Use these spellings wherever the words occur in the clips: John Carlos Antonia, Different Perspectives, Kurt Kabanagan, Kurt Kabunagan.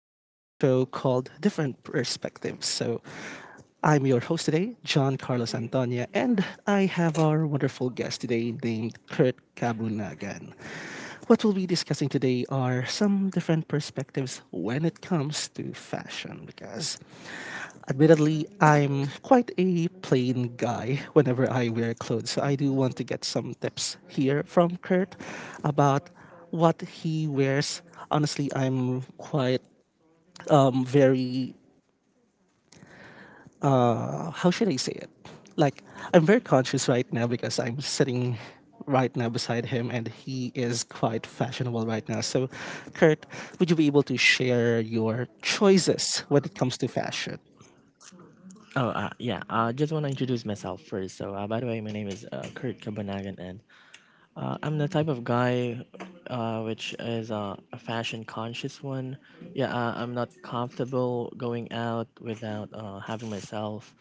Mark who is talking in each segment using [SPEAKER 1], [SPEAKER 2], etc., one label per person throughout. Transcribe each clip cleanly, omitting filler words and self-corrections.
[SPEAKER 1] to our show called Different Perspectives. So, I'm your host today, John Carlos Antonia, and I have our wonderful guest today named Kurt Kabunagan. What we'll be discussing today are some different perspectives when it comes to fashion, because admittedly, I'm quite a plain guy whenever I wear clothes. So I do want to get some tips here from Kurt about what he wears honestly I'm quite very how should I say it like I'm very conscious right now because I'm sitting right now beside him and he is quite fashionable right now so Kurt, would you be able to share your choices when it comes to fashion?
[SPEAKER 2] Oh, yeah. I just want to introduce myself first. By the way, my name is Kurt Kabanagan, and I'm the type of guy which is a fashion conscious one. Yeah, I'm not comfortable going out without having myself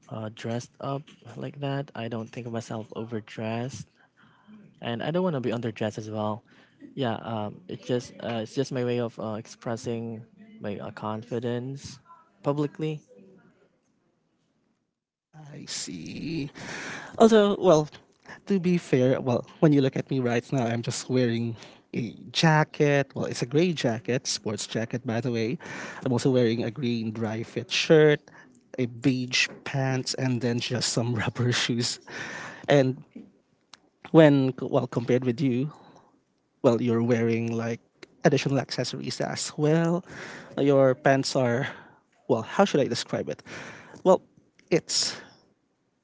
[SPEAKER 2] dressed up like that. I don't think of myself overdressed, and I don't want to be underdressed as well. Yeah, it's just It's just my way of expressing my confidence publicly.
[SPEAKER 1] I see. Although, well, to be fair, well, when you look at me right now, I'm just wearing a jacket. Well, it's a gray jacket, sports jacket, by the way. I'm also wearing a green dry fit shirt, a beige pants, and then just some rubber shoes. And when, well, compared with you, well, you're wearing like additional accessories as well. Your pants are, well, how should I describe it? Well, it's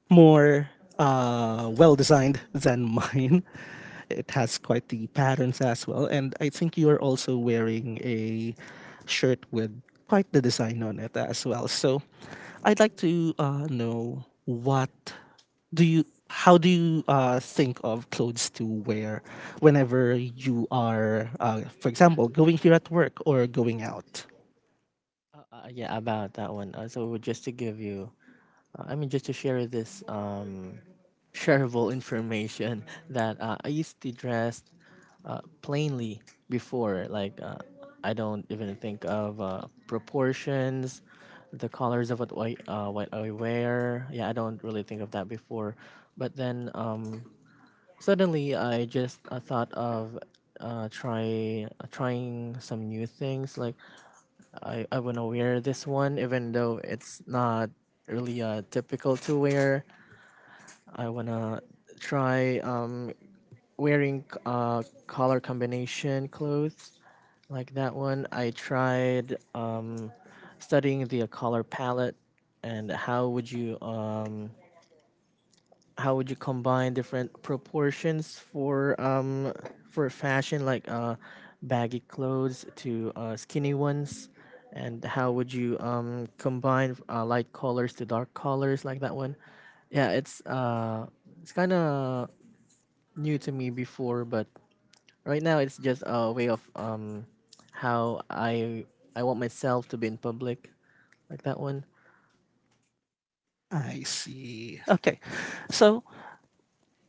[SPEAKER 1] more well designed than mine. It has quite the patterns as well. And I think you're also wearing a shirt with quite the design on it as well. So I'd like to know what do you how do you think of clothes to wear whenever you are for example going here at work or going out?
[SPEAKER 2] Yeah, about that one. So just to give you, I mean, just to share this shareable information that I used to dress plainly before. I don't even think of proportions, the colors of what I what I wear. Yeah, I don't really think of that before. But then suddenly I just thought of trying some new things. Like I want to wear this one, even though it's not really typical to wear. I want to try wearing color combination clothes like that one. I tried studying the color palette and how would you how would you combine different proportions for for fashion, like baggy clothes to skinny ones, and how would you combine light colors to dark colors, like that one. Yeah, it's kind of new to me before, but right now it's just a way of how I want myself to be in public, like that one.
[SPEAKER 1] I see, okay. So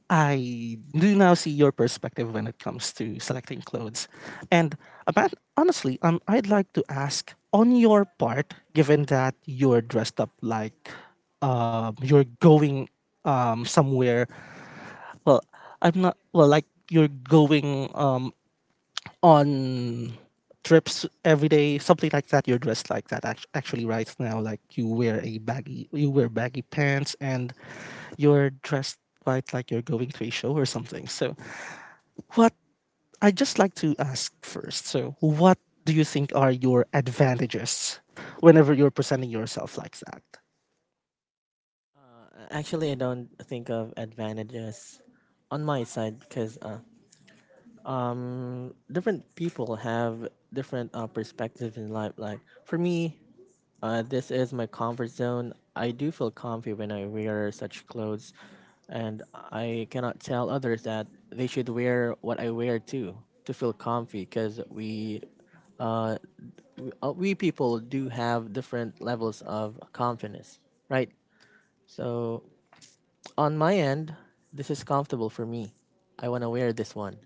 [SPEAKER 1] I do now see your perspective when it comes to selecting clothes. And about honestly, I'd like to ask on your part, given that you're dressed up like you're going somewhere, well, I'm not, well, like you're going on trips every day, something like that. You're dressed like that actually right now. Like you wear a baggy, you wear baggy pants, and you're dressed quite like you're going to a show or something. So, what I just like to ask first. So, what do you think are your advantages whenever you're presenting yourself like that?
[SPEAKER 2] Actually, I don't think of advantages on my side, because different people have different perspectives in life. Like for me, this is my comfort zone. I do feel comfy when I wear such clothes, and I cannot tell others that they should wear what I wear too to feel comfy, because uh, we people do have different levels of confidence, right? So on my end, this is comfortable for me. I want to wear this one.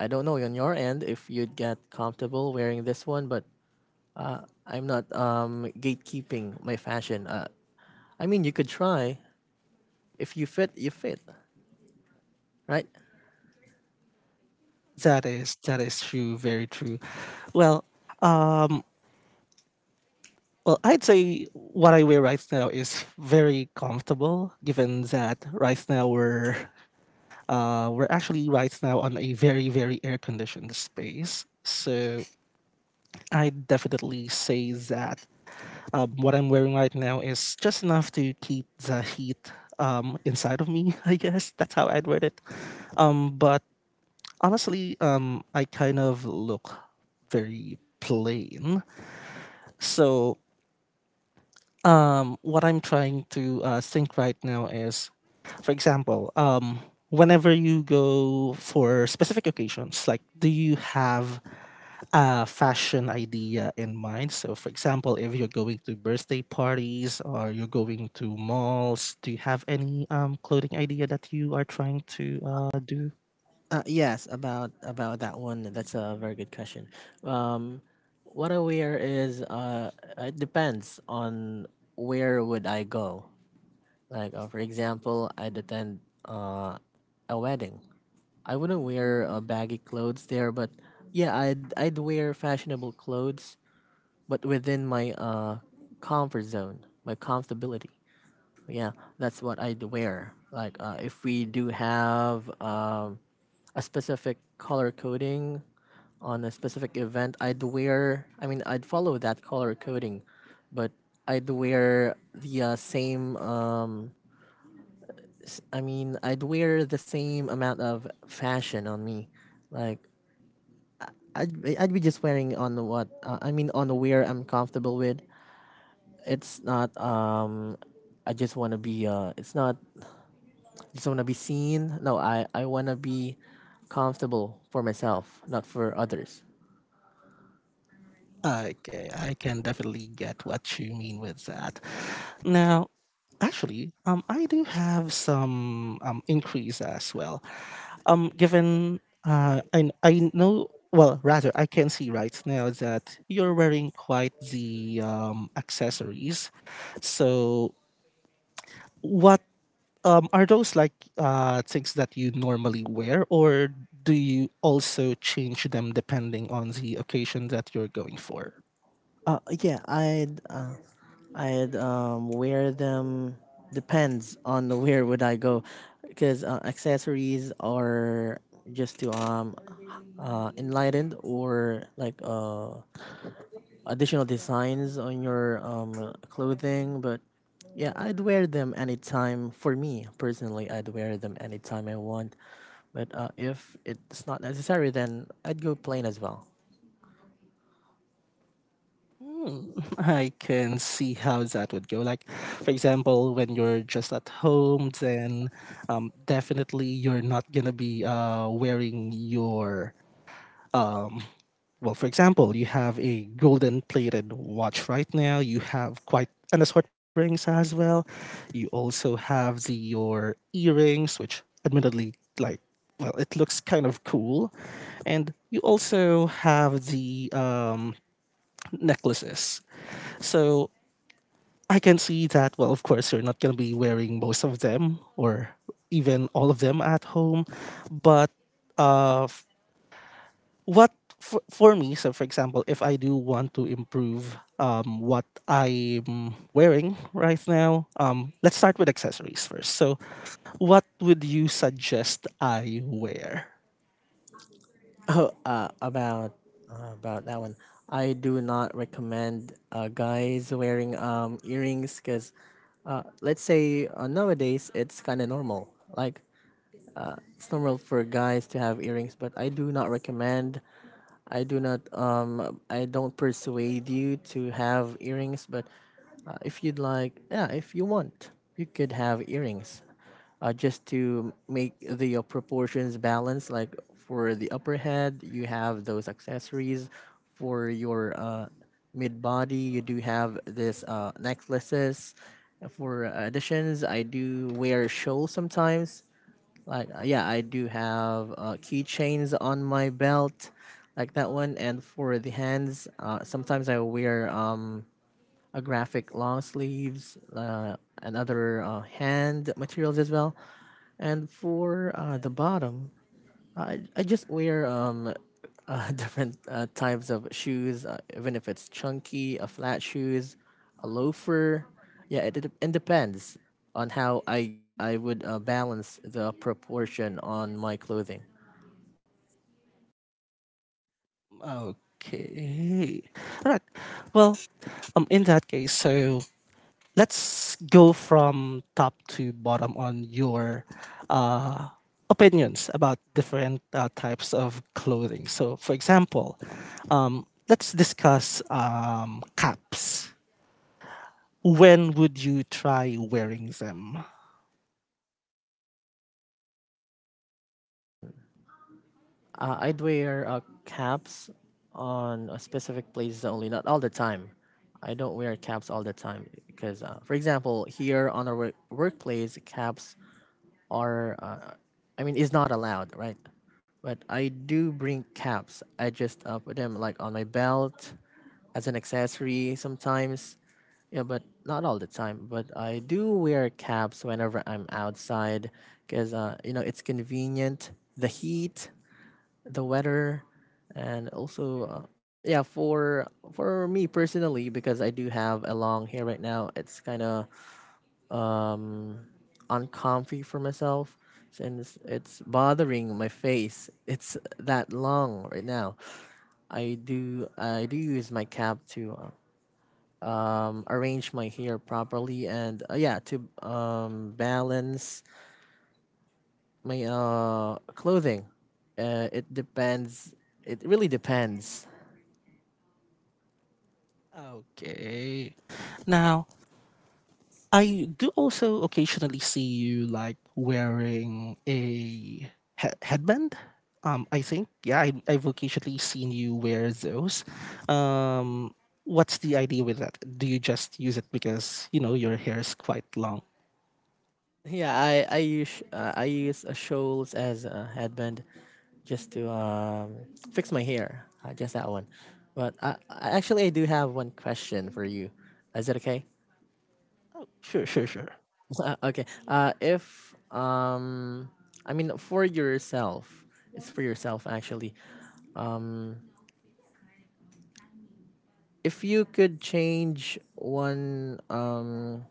[SPEAKER 2] I don't know on your end if you'd get comfortable wearing this one, but I'm not gatekeeping my fashion. I mean, you could try. If you fit, you fit, right?
[SPEAKER 1] That is true, very true. Well, um, Well, I'd say what I wear right now is very comfortable, given that right now we're actually right now on a very very air conditioned space. So I definitely say that what I'm wearing right now is just enough to keep the heat inside of me. I guess that's how I'd word it. But honestly, I kind of look very plain. So what I'm trying to think right now is, for example, whenever you go for specific occasions, like do you have a fashion idea in mind? So, for example, if you're going to birthday parties or you're going to malls, do you have any clothing idea that you are trying to do?
[SPEAKER 2] Yes, about that one. That's a very good question. Um, what I wear is it depends on where would I go. For example, I'd attend a wedding. I wouldn't wear baggy clothes there, but yeah, I'd wear fashionable clothes but within my comfort zone, my comfortability. Yeah, that's what I'd wear. If we do have a specific color coding on a specific event, I'd wear. I mean, I'd follow that color coding, but I'd wear the same. I mean, I'd wear the same amount of fashion on me. Like I'd be just wearing on the what I mean on the wear I'm comfortable with. It's not, I just want to be it's not just want to be seen. No, I want to be comfortable for myself, not for others.
[SPEAKER 1] Okay, I can definitely get what you mean with that. Now, actually, I do have some increase as well. Given I know well rather I can see right now that you're wearing quite the accessories. So what are those like things that you normally wear or do you also change them depending on the occasion that you're going for?
[SPEAKER 2] Uh yeah, I'd uh, I'd wear them depends on the where would I go, because accessories are just to enlightened, or like additional designs on your clothing. But yeah, I'd wear them anytime. For me personally, I'd wear them anytime I want. But if it's not necessary, then I'd go plain as well.
[SPEAKER 1] Hmm, I can see how that would go. Like, for example, when you're just at home, then definitely you're not gonna be wearing your um, Well, for example, you have a golden plated watch right now. You have quite an assortment of rings as well. You also have the your earrings, which admittedly like well, it looks kind of cool. And you also have the necklaces. So I can see that, well, of course, you're not going to be wearing most of them or even all of them at home. But uh, what for me so for example if I do want to improve what I'm wearing right now let's start with accessories first so what would you suggest I wear?
[SPEAKER 2] Oh, uh, about about that one, I do not recommend guys wearing earrings, because let's say nowadays it's kind of normal. Like it's normal for guys to have earrings, but I do not recommend, I do not I don't persuade you to have earrings. But if you'd like, yeah, if you want, you could have earrings, just to make the proportions balance. Like for the upper head, you have those accessories. For your mid body, you do have this necklaces. For additions, I do wear shawl sometimes. Yeah, I do have keychains on my belt, like that one. And for the hands, sometimes I wear a graphic long sleeves and other hand materials as well. And for the bottom, I just wear different types of shoes, even if it's chunky, a flat shoes, a loafer. Yeah, it depends on how I would balance the proportion on my clothing.
[SPEAKER 1] Okay, all right, well, in that case so let's go from top to bottom on your uh, opinions about different types of clothing. So, for example, let's discuss caps. When would you try wearing them?
[SPEAKER 2] I'd wear caps on a specific places only, not all the time. I don't wear caps all the time because, for example, here on our workplace, caps are I mean is not allowed, right? But I do bring caps. I just put them like on my belt as an accessory sometimes. Yeah, but not all the time. But I do wear caps whenever I'm outside, because you know it's convenient. The heat, the weather, and also yeah, for me personally, because I do have a long hair right now. It's kind of um uncomfy for myself, and it's bothering my face, it's that long right now. I do use my cap to arrange my hair properly, and yeah, to balance my clothing. It depends, it really depends.
[SPEAKER 1] Okay. Now, I do also occasionally see you like wearing a headband. I think yeah, I've occasionally seen you wear those. Um, what's the idea with that? Do you just use it because you know your hair is quite long?
[SPEAKER 2] Yeah, I use I use a shoals as a headband just to fix my hair. Just that one. But I actually I do have one question for you. Is it okay?
[SPEAKER 1] Oh, sure, sure, sure.
[SPEAKER 2] Okay. If I mean for yourself, it's for yourself actually. Um, if you could change one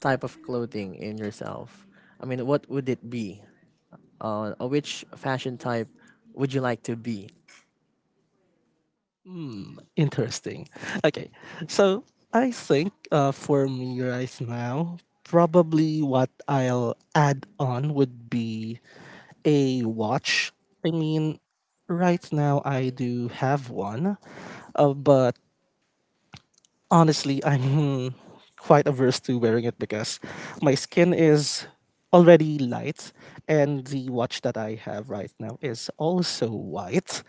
[SPEAKER 2] type of clothing in yourself, I mean, what would it be? Which fashion type would you like to be?
[SPEAKER 1] Hmm, interesting. Okay, so I think for me right now, probably what I'll add on would be a watch. I mean, right now I do have one, but honestly, I'm quite averse to wearing it because my skin is already light and the watch that I have right now is also white.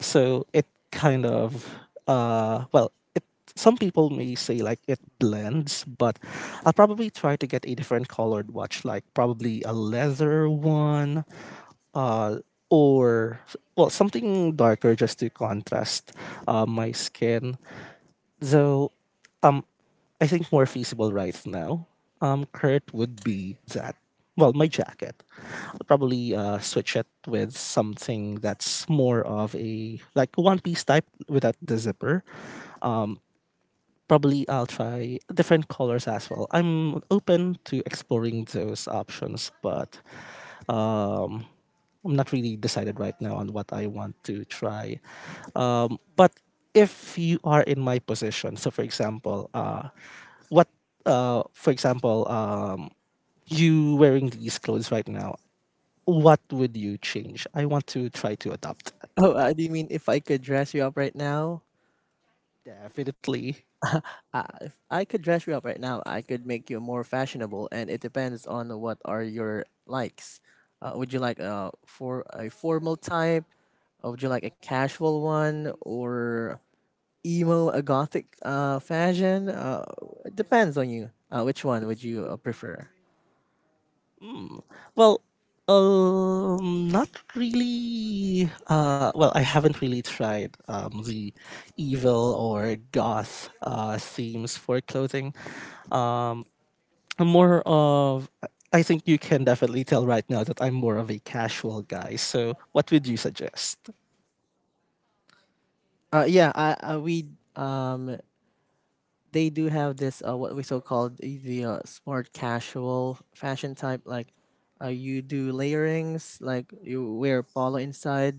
[SPEAKER 1] So it kind of well, it some people may say like it blends, but I'll probably try to get a different colored watch like probably a leather one uh or well something darker just to contrast my skin. Though um I think more feasible right now, Kurt would be that. Well, my jacket. I'll probably switch it with something that's more of a like one piece type without the zipper. Probably I'll try different colors as well. I'm open to exploring those options, but um, I'm not really decided right now on what I want to try. But if you are in my position, so for example, what, for example, you wearing these clothes right now, what would you change? I want to try to adopt that.
[SPEAKER 2] Oh, do you mean if I could dress you up right now?
[SPEAKER 1] Definitely.
[SPEAKER 2] If I could dress you up right now, I could make you more fashionable, and it depends on what are your likes. Would you like for a formal type? Or would you like a casual one, or emo, a gothic fashion? It depends on you. Which one would you prefer?
[SPEAKER 1] Mm. Well, not really. Well, I haven't really tried the evil or goth themes for clothing, Um, I'm more of I think you can definitely tell right now that I'm more of a casual guy. So what would you suggest?
[SPEAKER 2] We um they do have this what we so called the smart casual fashion type, like you do layerings, like you wear polo inside,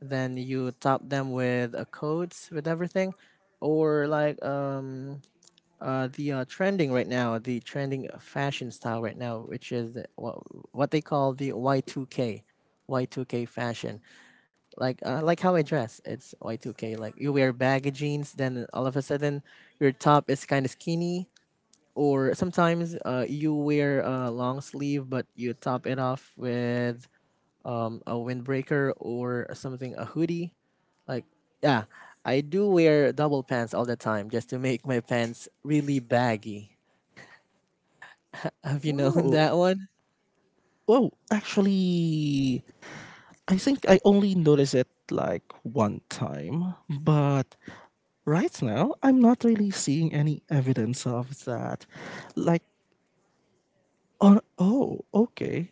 [SPEAKER 2] then you top them with coats with everything. Or like the trending fashion style right now, which is what they call the y2k fashion. Like like how I dress, it's y2k. Like you wear baggy jeans, then all of a sudden your top is kind of skinny. Or sometimes you wear a long sleeve but you top it off with a windbreaker, or something, a hoodie. Like, yeah, I do wear double pants all the time just to make my pants really baggy. Have you known
[SPEAKER 1] Oh,
[SPEAKER 2] that one?
[SPEAKER 1] oh, actually, I think I only noticed it like one time, but right now I'm not really seeing any evidence of that. Like, oh, oh okay.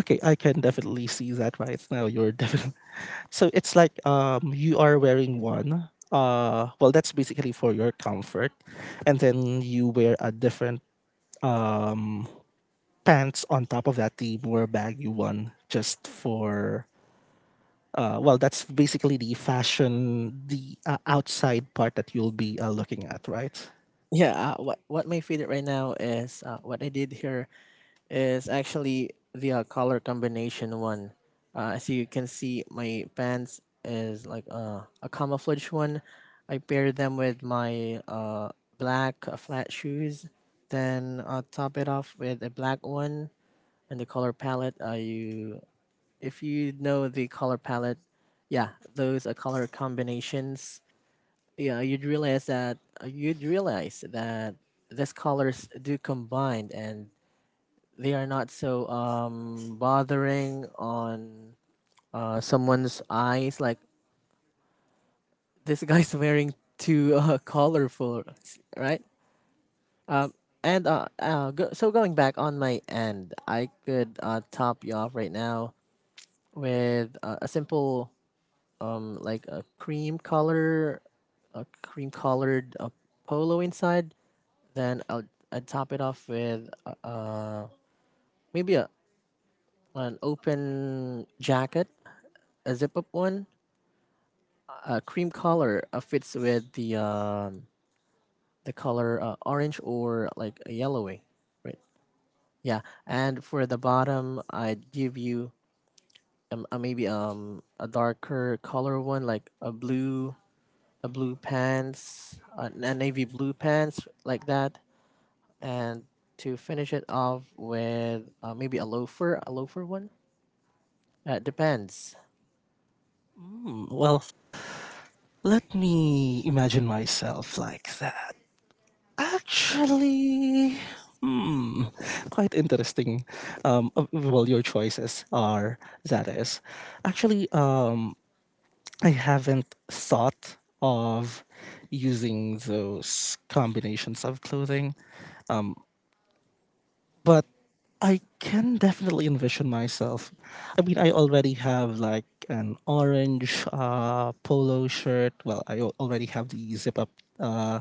[SPEAKER 1] Okay, I can definitely see that right now. You're definitely so it's like you are wearing one. Well that's basically for your comfort. And then you wear a different pants on top of that the more bag you won just for well that's basically the fashion the outside part that you'll be looking at, right?
[SPEAKER 2] What my favorite right now is what I did here is actually the color combination one. As you can see, my pants is like a camouflage one. I paired them with my black flat shoes, then top it off with a black one. And the color palette, you if you know the color palette, yeah, those are color combinations. Yeah, you'd realize that these colors do combine and they are not so bothering on someone's eyes, like, this guy's wearing too colorful, right? Um and uh, uh go, so going back on my end, I could top you off right now with a simple like a cream color, a cream colored polo inside, then I'd top it off with maybe a an open jacket, a zip up one. Cream color fits with the color orange, or like a yellowy, right? Yeah, and for the bottom, I'd give you maybe a darker color one, like a blue, a blue pants, a navy blue pants like that, and to finish it off with maybe a loafer one. Depends.
[SPEAKER 1] Mm, well, let me imagine myself like that. Actually, hmm, quite interesting. Well, your choices are that is. Actually, I haven't thought of using those combinations of clothing but I can definitely envision myself. I mean, I already have like an orange polo shirt. Well, I already have the zip up uh,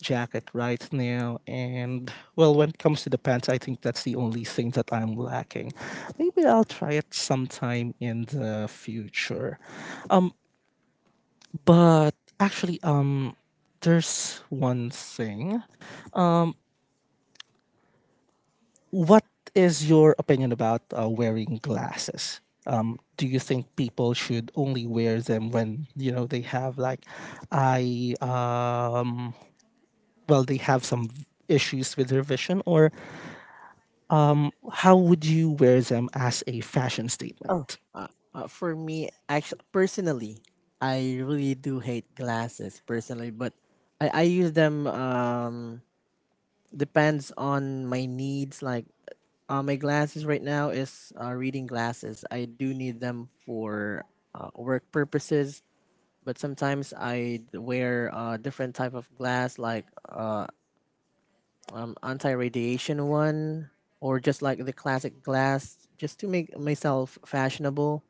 [SPEAKER 1] jacket right now. And well, when it comes to the pants, I think that's the only thing that I'm lacking. Maybe I'll try it sometime in the future. But actually, there's one thing. What is your opinion about wearing glasses? Do you think people should only wear them when you know they have like eye well they have some issues with their vision or how would you wear them as a fashion
[SPEAKER 2] Oh,
[SPEAKER 1] statement?
[SPEAKER 2] uh, for me, actually, personally, I really do hate glasses personally, but I use them. Depends on my needs. Like, my glasses right now is reading glasses. I do need them for work purposes, but sometimes I wear different type of glass, like anti-radiation one, or just like the classic glass, just to make myself fashionable.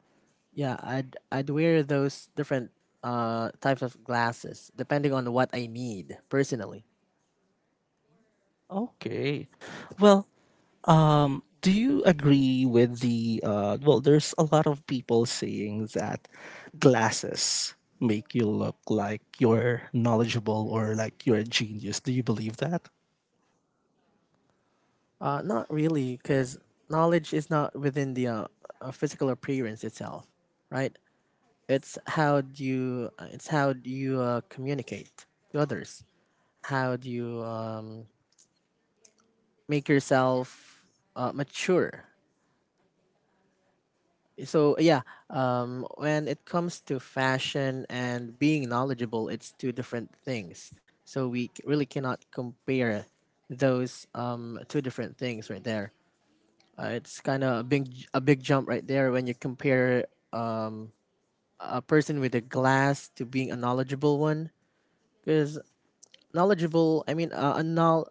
[SPEAKER 2] Yeah, I'd wear those different types of glasses depending on what I need personally.
[SPEAKER 1] Okay. Well, do you agree with the well? There's a lot of people saying that glasses make you look like you're knowledgeable or like you're a genius. Do you believe that?
[SPEAKER 2] Not really, because knowledge is not within the physical appearance itself, right? It's how do you communicate to others? How do you make yourself mature. So when it comes to fashion and being knowledgeable, it's two different things. So really cannot compare those two different things right there. It's kind of a a big jump right there when you compare a person with a glass to being a knowledgeable one. Because knowledgeable, I mean,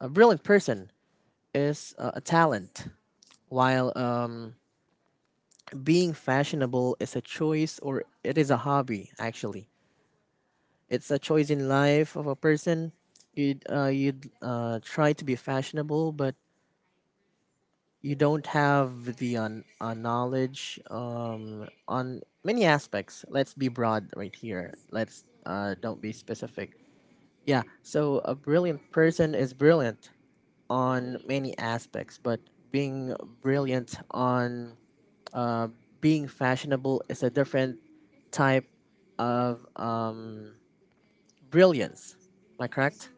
[SPEAKER 2] a brilliant person is a talent, while being fashionable is a choice, or it is a hobby actually. It's a choice in life of a person. You'd try to be fashionable, but you don't have the knowledge on many aspects. Let's be broad right here. Let's don't be specific. Yeah. So a brilliant person is brilliant on many aspects, but being brilliant on being fashionable is a different type of brilliance. Am I correct?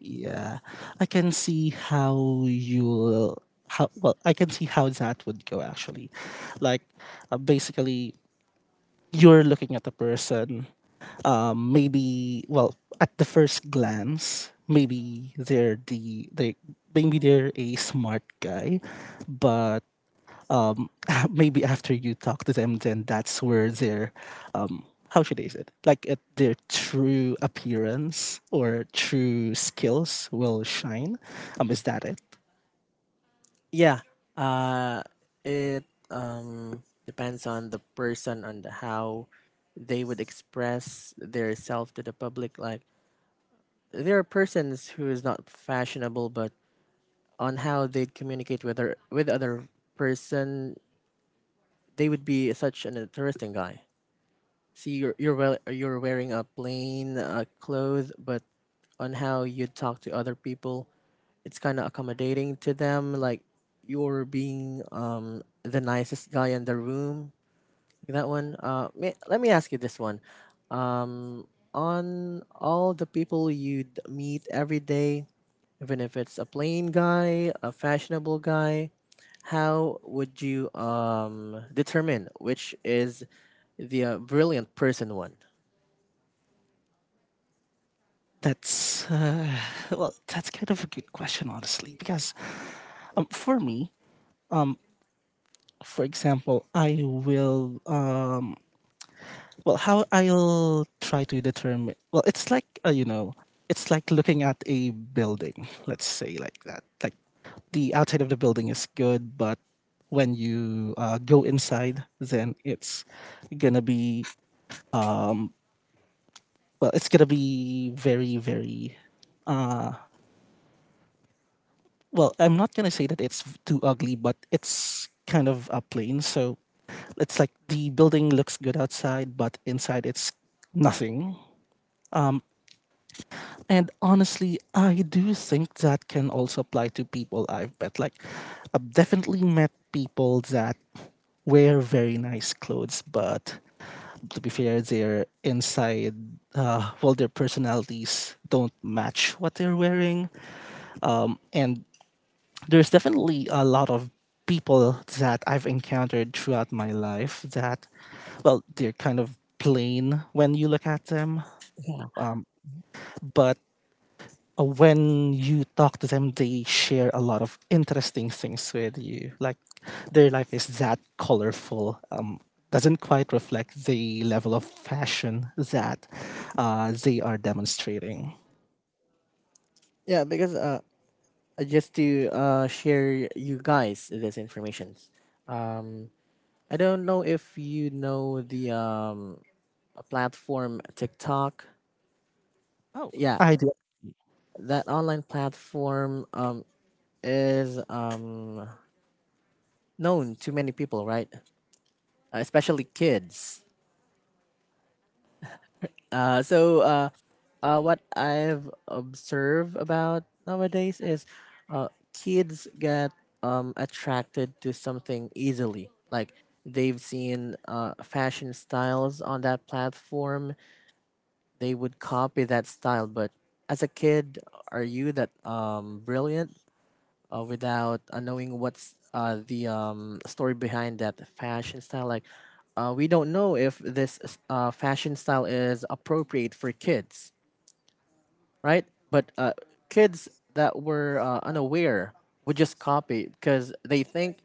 [SPEAKER 1] Yeah, I can see how you how well I can see how that would go actually. Like, basically, you're looking at a person maybe well at the first glance maybe they're the they maybe they're a smart guy but um, maybe after you talk to them then that's where their um, how should I say it like at their true appearance or true skills will shine is that it?
[SPEAKER 2] Yeah. Uh, it depends on the person and how they would express their self to the public. Like there are persons who is not fashionable, but on how they'd communicate with other person, they would be such an interesting guy. See, you're well, you're wearing a plain clothes, but on how you talk to other people, it's kind of accommodating to them. Like you're being the nicest guy in the room. That one. Let me ask you this one: on all the people you would meet every day, even if it's a plain guy, a fashionable guy, how would you determine which is the brilliant person one?
[SPEAKER 1] That's well that's kind of a good question honestly because for me um, for example I will well how I'll try to determine well it's like you know it's like looking at a building let's say like that like the outside of the building is good but when you go inside then it's gonna be well it's gonna be very very well I'm not gonna say that it's too ugly but it's kind of a plain so it's like the building looks good outside but inside it's nothing. And honestly, I do think that can also apply to people I've met. Like, I've definitely met people that wear very nice clothes, but to be fair, their inside, well, their personalities don't match what they're wearing. And there's definitely a lot of people that I've encountered throughout my life that, well, they're kind of plain when you look at them, but when you talk to them, they share a lot of interesting things with you. Like their life is that colorful. Doesn't quite reflect the level of fashion that they are demonstrating.
[SPEAKER 2] Yeah, because just to share you guys this information. Um, I don't know if you know the a platform TikTok.
[SPEAKER 1] Oh,
[SPEAKER 2] Yeah,
[SPEAKER 1] I do.
[SPEAKER 2] that online platform is known to many people, right? Especially kids. Uh, so uh, what I've observed about nowadays is kids get attracted to something easily. Like they've seen fashion styles on that platform, they would copy that style. But as a kid, are you that brilliant? Without knowing what's the story behind that fashion style. Like, we don't know if this fashion style is appropriate for kids, right? But kids that were unaware would just copy because they think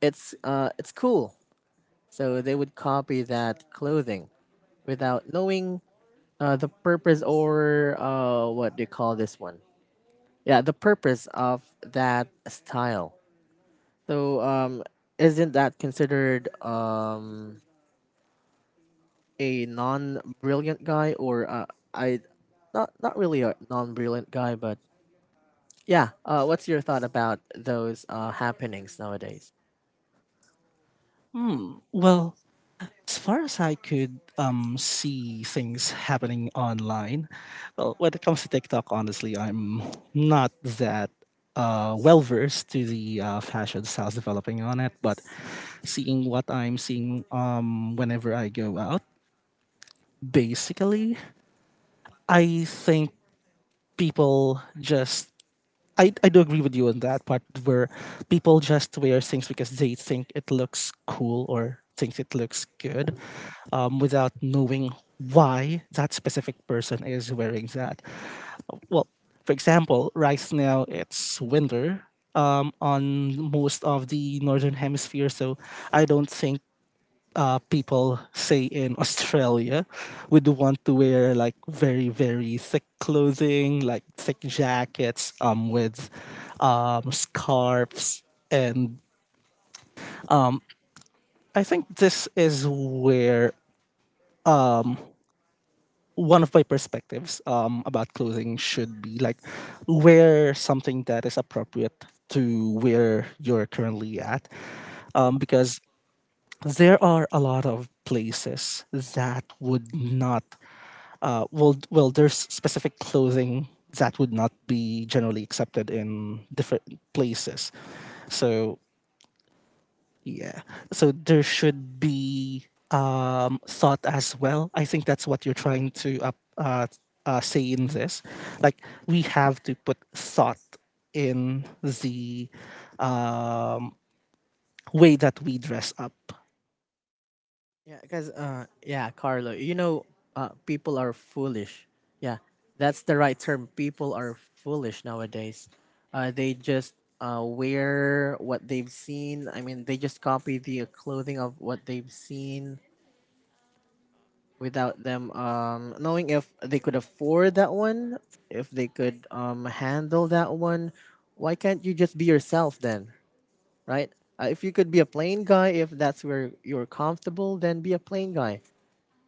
[SPEAKER 2] it's cool, so they would copy that clothing without knowing the purpose or what do you call this one? Yeah, the purpose of that style. So, isn't that considered a non-brilliant guy, or I, not really a non-brilliant guy, but yeah. What's your thought about those happenings nowadays?
[SPEAKER 1] Hmm. Well, as far as I could see things happening online, well, when it comes to TikTok, honestly, I'm not that well versed to the fashion styles developing on it. But seeing what I'm seeing whenever I go out, basically, I think people just I do agree with you on that part where people just wear things because they think it looks cool or thinks it looks good without knowing why that specific person is wearing that. Well, for example, right now it's winter on most of the northern hemisphere, so I don't think people say in Australia would want to wear like very very thick clothing, like thick jackets, with scarves, and I think this is where one of my perspectives about clothing should be like wear something that is appropriate to where you're currently at because there are a lot of places that would not well, well, there's specific clothing that would not be generally accepted in different places. So yeah, so there should be thought as well. I think that's what you're trying to uh, say in this. Like we have to put thought in the um, way that we dress up.
[SPEAKER 2] Yeah, because yeah, Carlo, you know, people are foolish. Yeah, that's the right term. People are foolish nowadays. They just wear what they've seen. I mean, they just copy the clothing of what they've seen without them knowing if they could afford that one, if they could handle that one, why can't you just be yourself then, right? If you could be a plain guy, if that's where you're comfortable, then be a plain guy.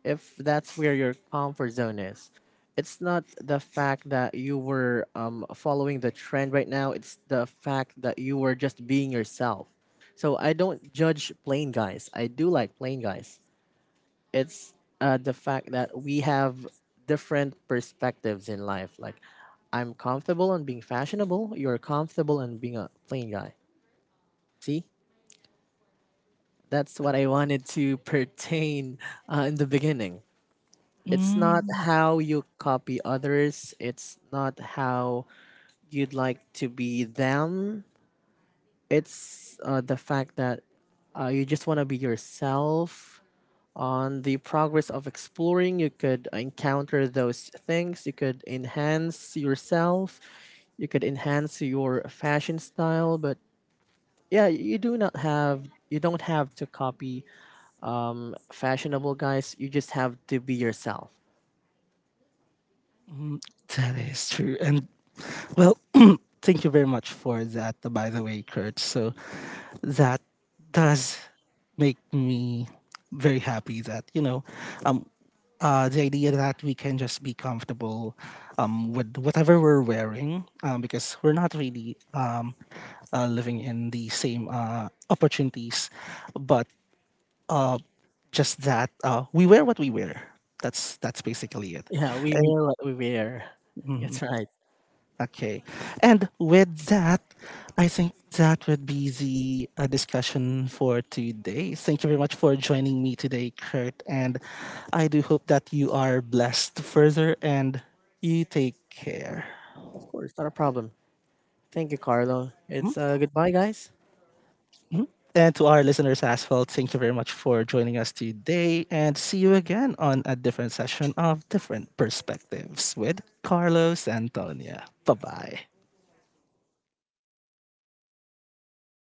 [SPEAKER 2] If that's where your comfort zone is, it's not the fact that you were following the trend right now. It's the fact that you were just being yourself. So I don't judge plain guys. I do like plain guys. It's the fact that we have different perspectives in life. Like, I'm comfortable on being fashionable. You're comfortable on being a plain guy. See, that's what I wanted to pertain in the beginning. It's not
[SPEAKER 1] Mm,
[SPEAKER 2] how you copy others. It's not how you'd like to be them. It's the fact that you just want to be yourself. On the progress of exploring, you could encounter those things. You could enhance yourself, you could enhance your fashion style, but yeah, you don't have to copy fashionable guys. You just have to be yourself.
[SPEAKER 1] mm, that is true, and Well, thank you very much for that, by the way, Kurt. So that does make me very happy that, you know, um, the idea that we can just be comfortable with whatever we're wearing because we're not really living in the same opportunities, but uh, just that we wear what we wear. That's basically it,
[SPEAKER 2] Yeah, we
[SPEAKER 1] and
[SPEAKER 2] wear what we wear.
[SPEAKER 1] mm-hmm.
[SPEAKER 2] That's right.
[SPEAKER 1] Okay. And with that, I think that would be the discussion for today. Thank you very much for joining me today, Kurt. And I do hope that you are blessed further and you take care.
[SPEAKER 2] Of course, not a problem. Thank you, Carlo.
[SPEAKER 1] Mhm,
[SPEAKER 2] It's goodbye, guys.
[SPEAKER 1] mhm. And to our listeners as well, thank you very much for joining us today and see you again on a different session of Different Perspectives with Carlos Antonia. Bye bye.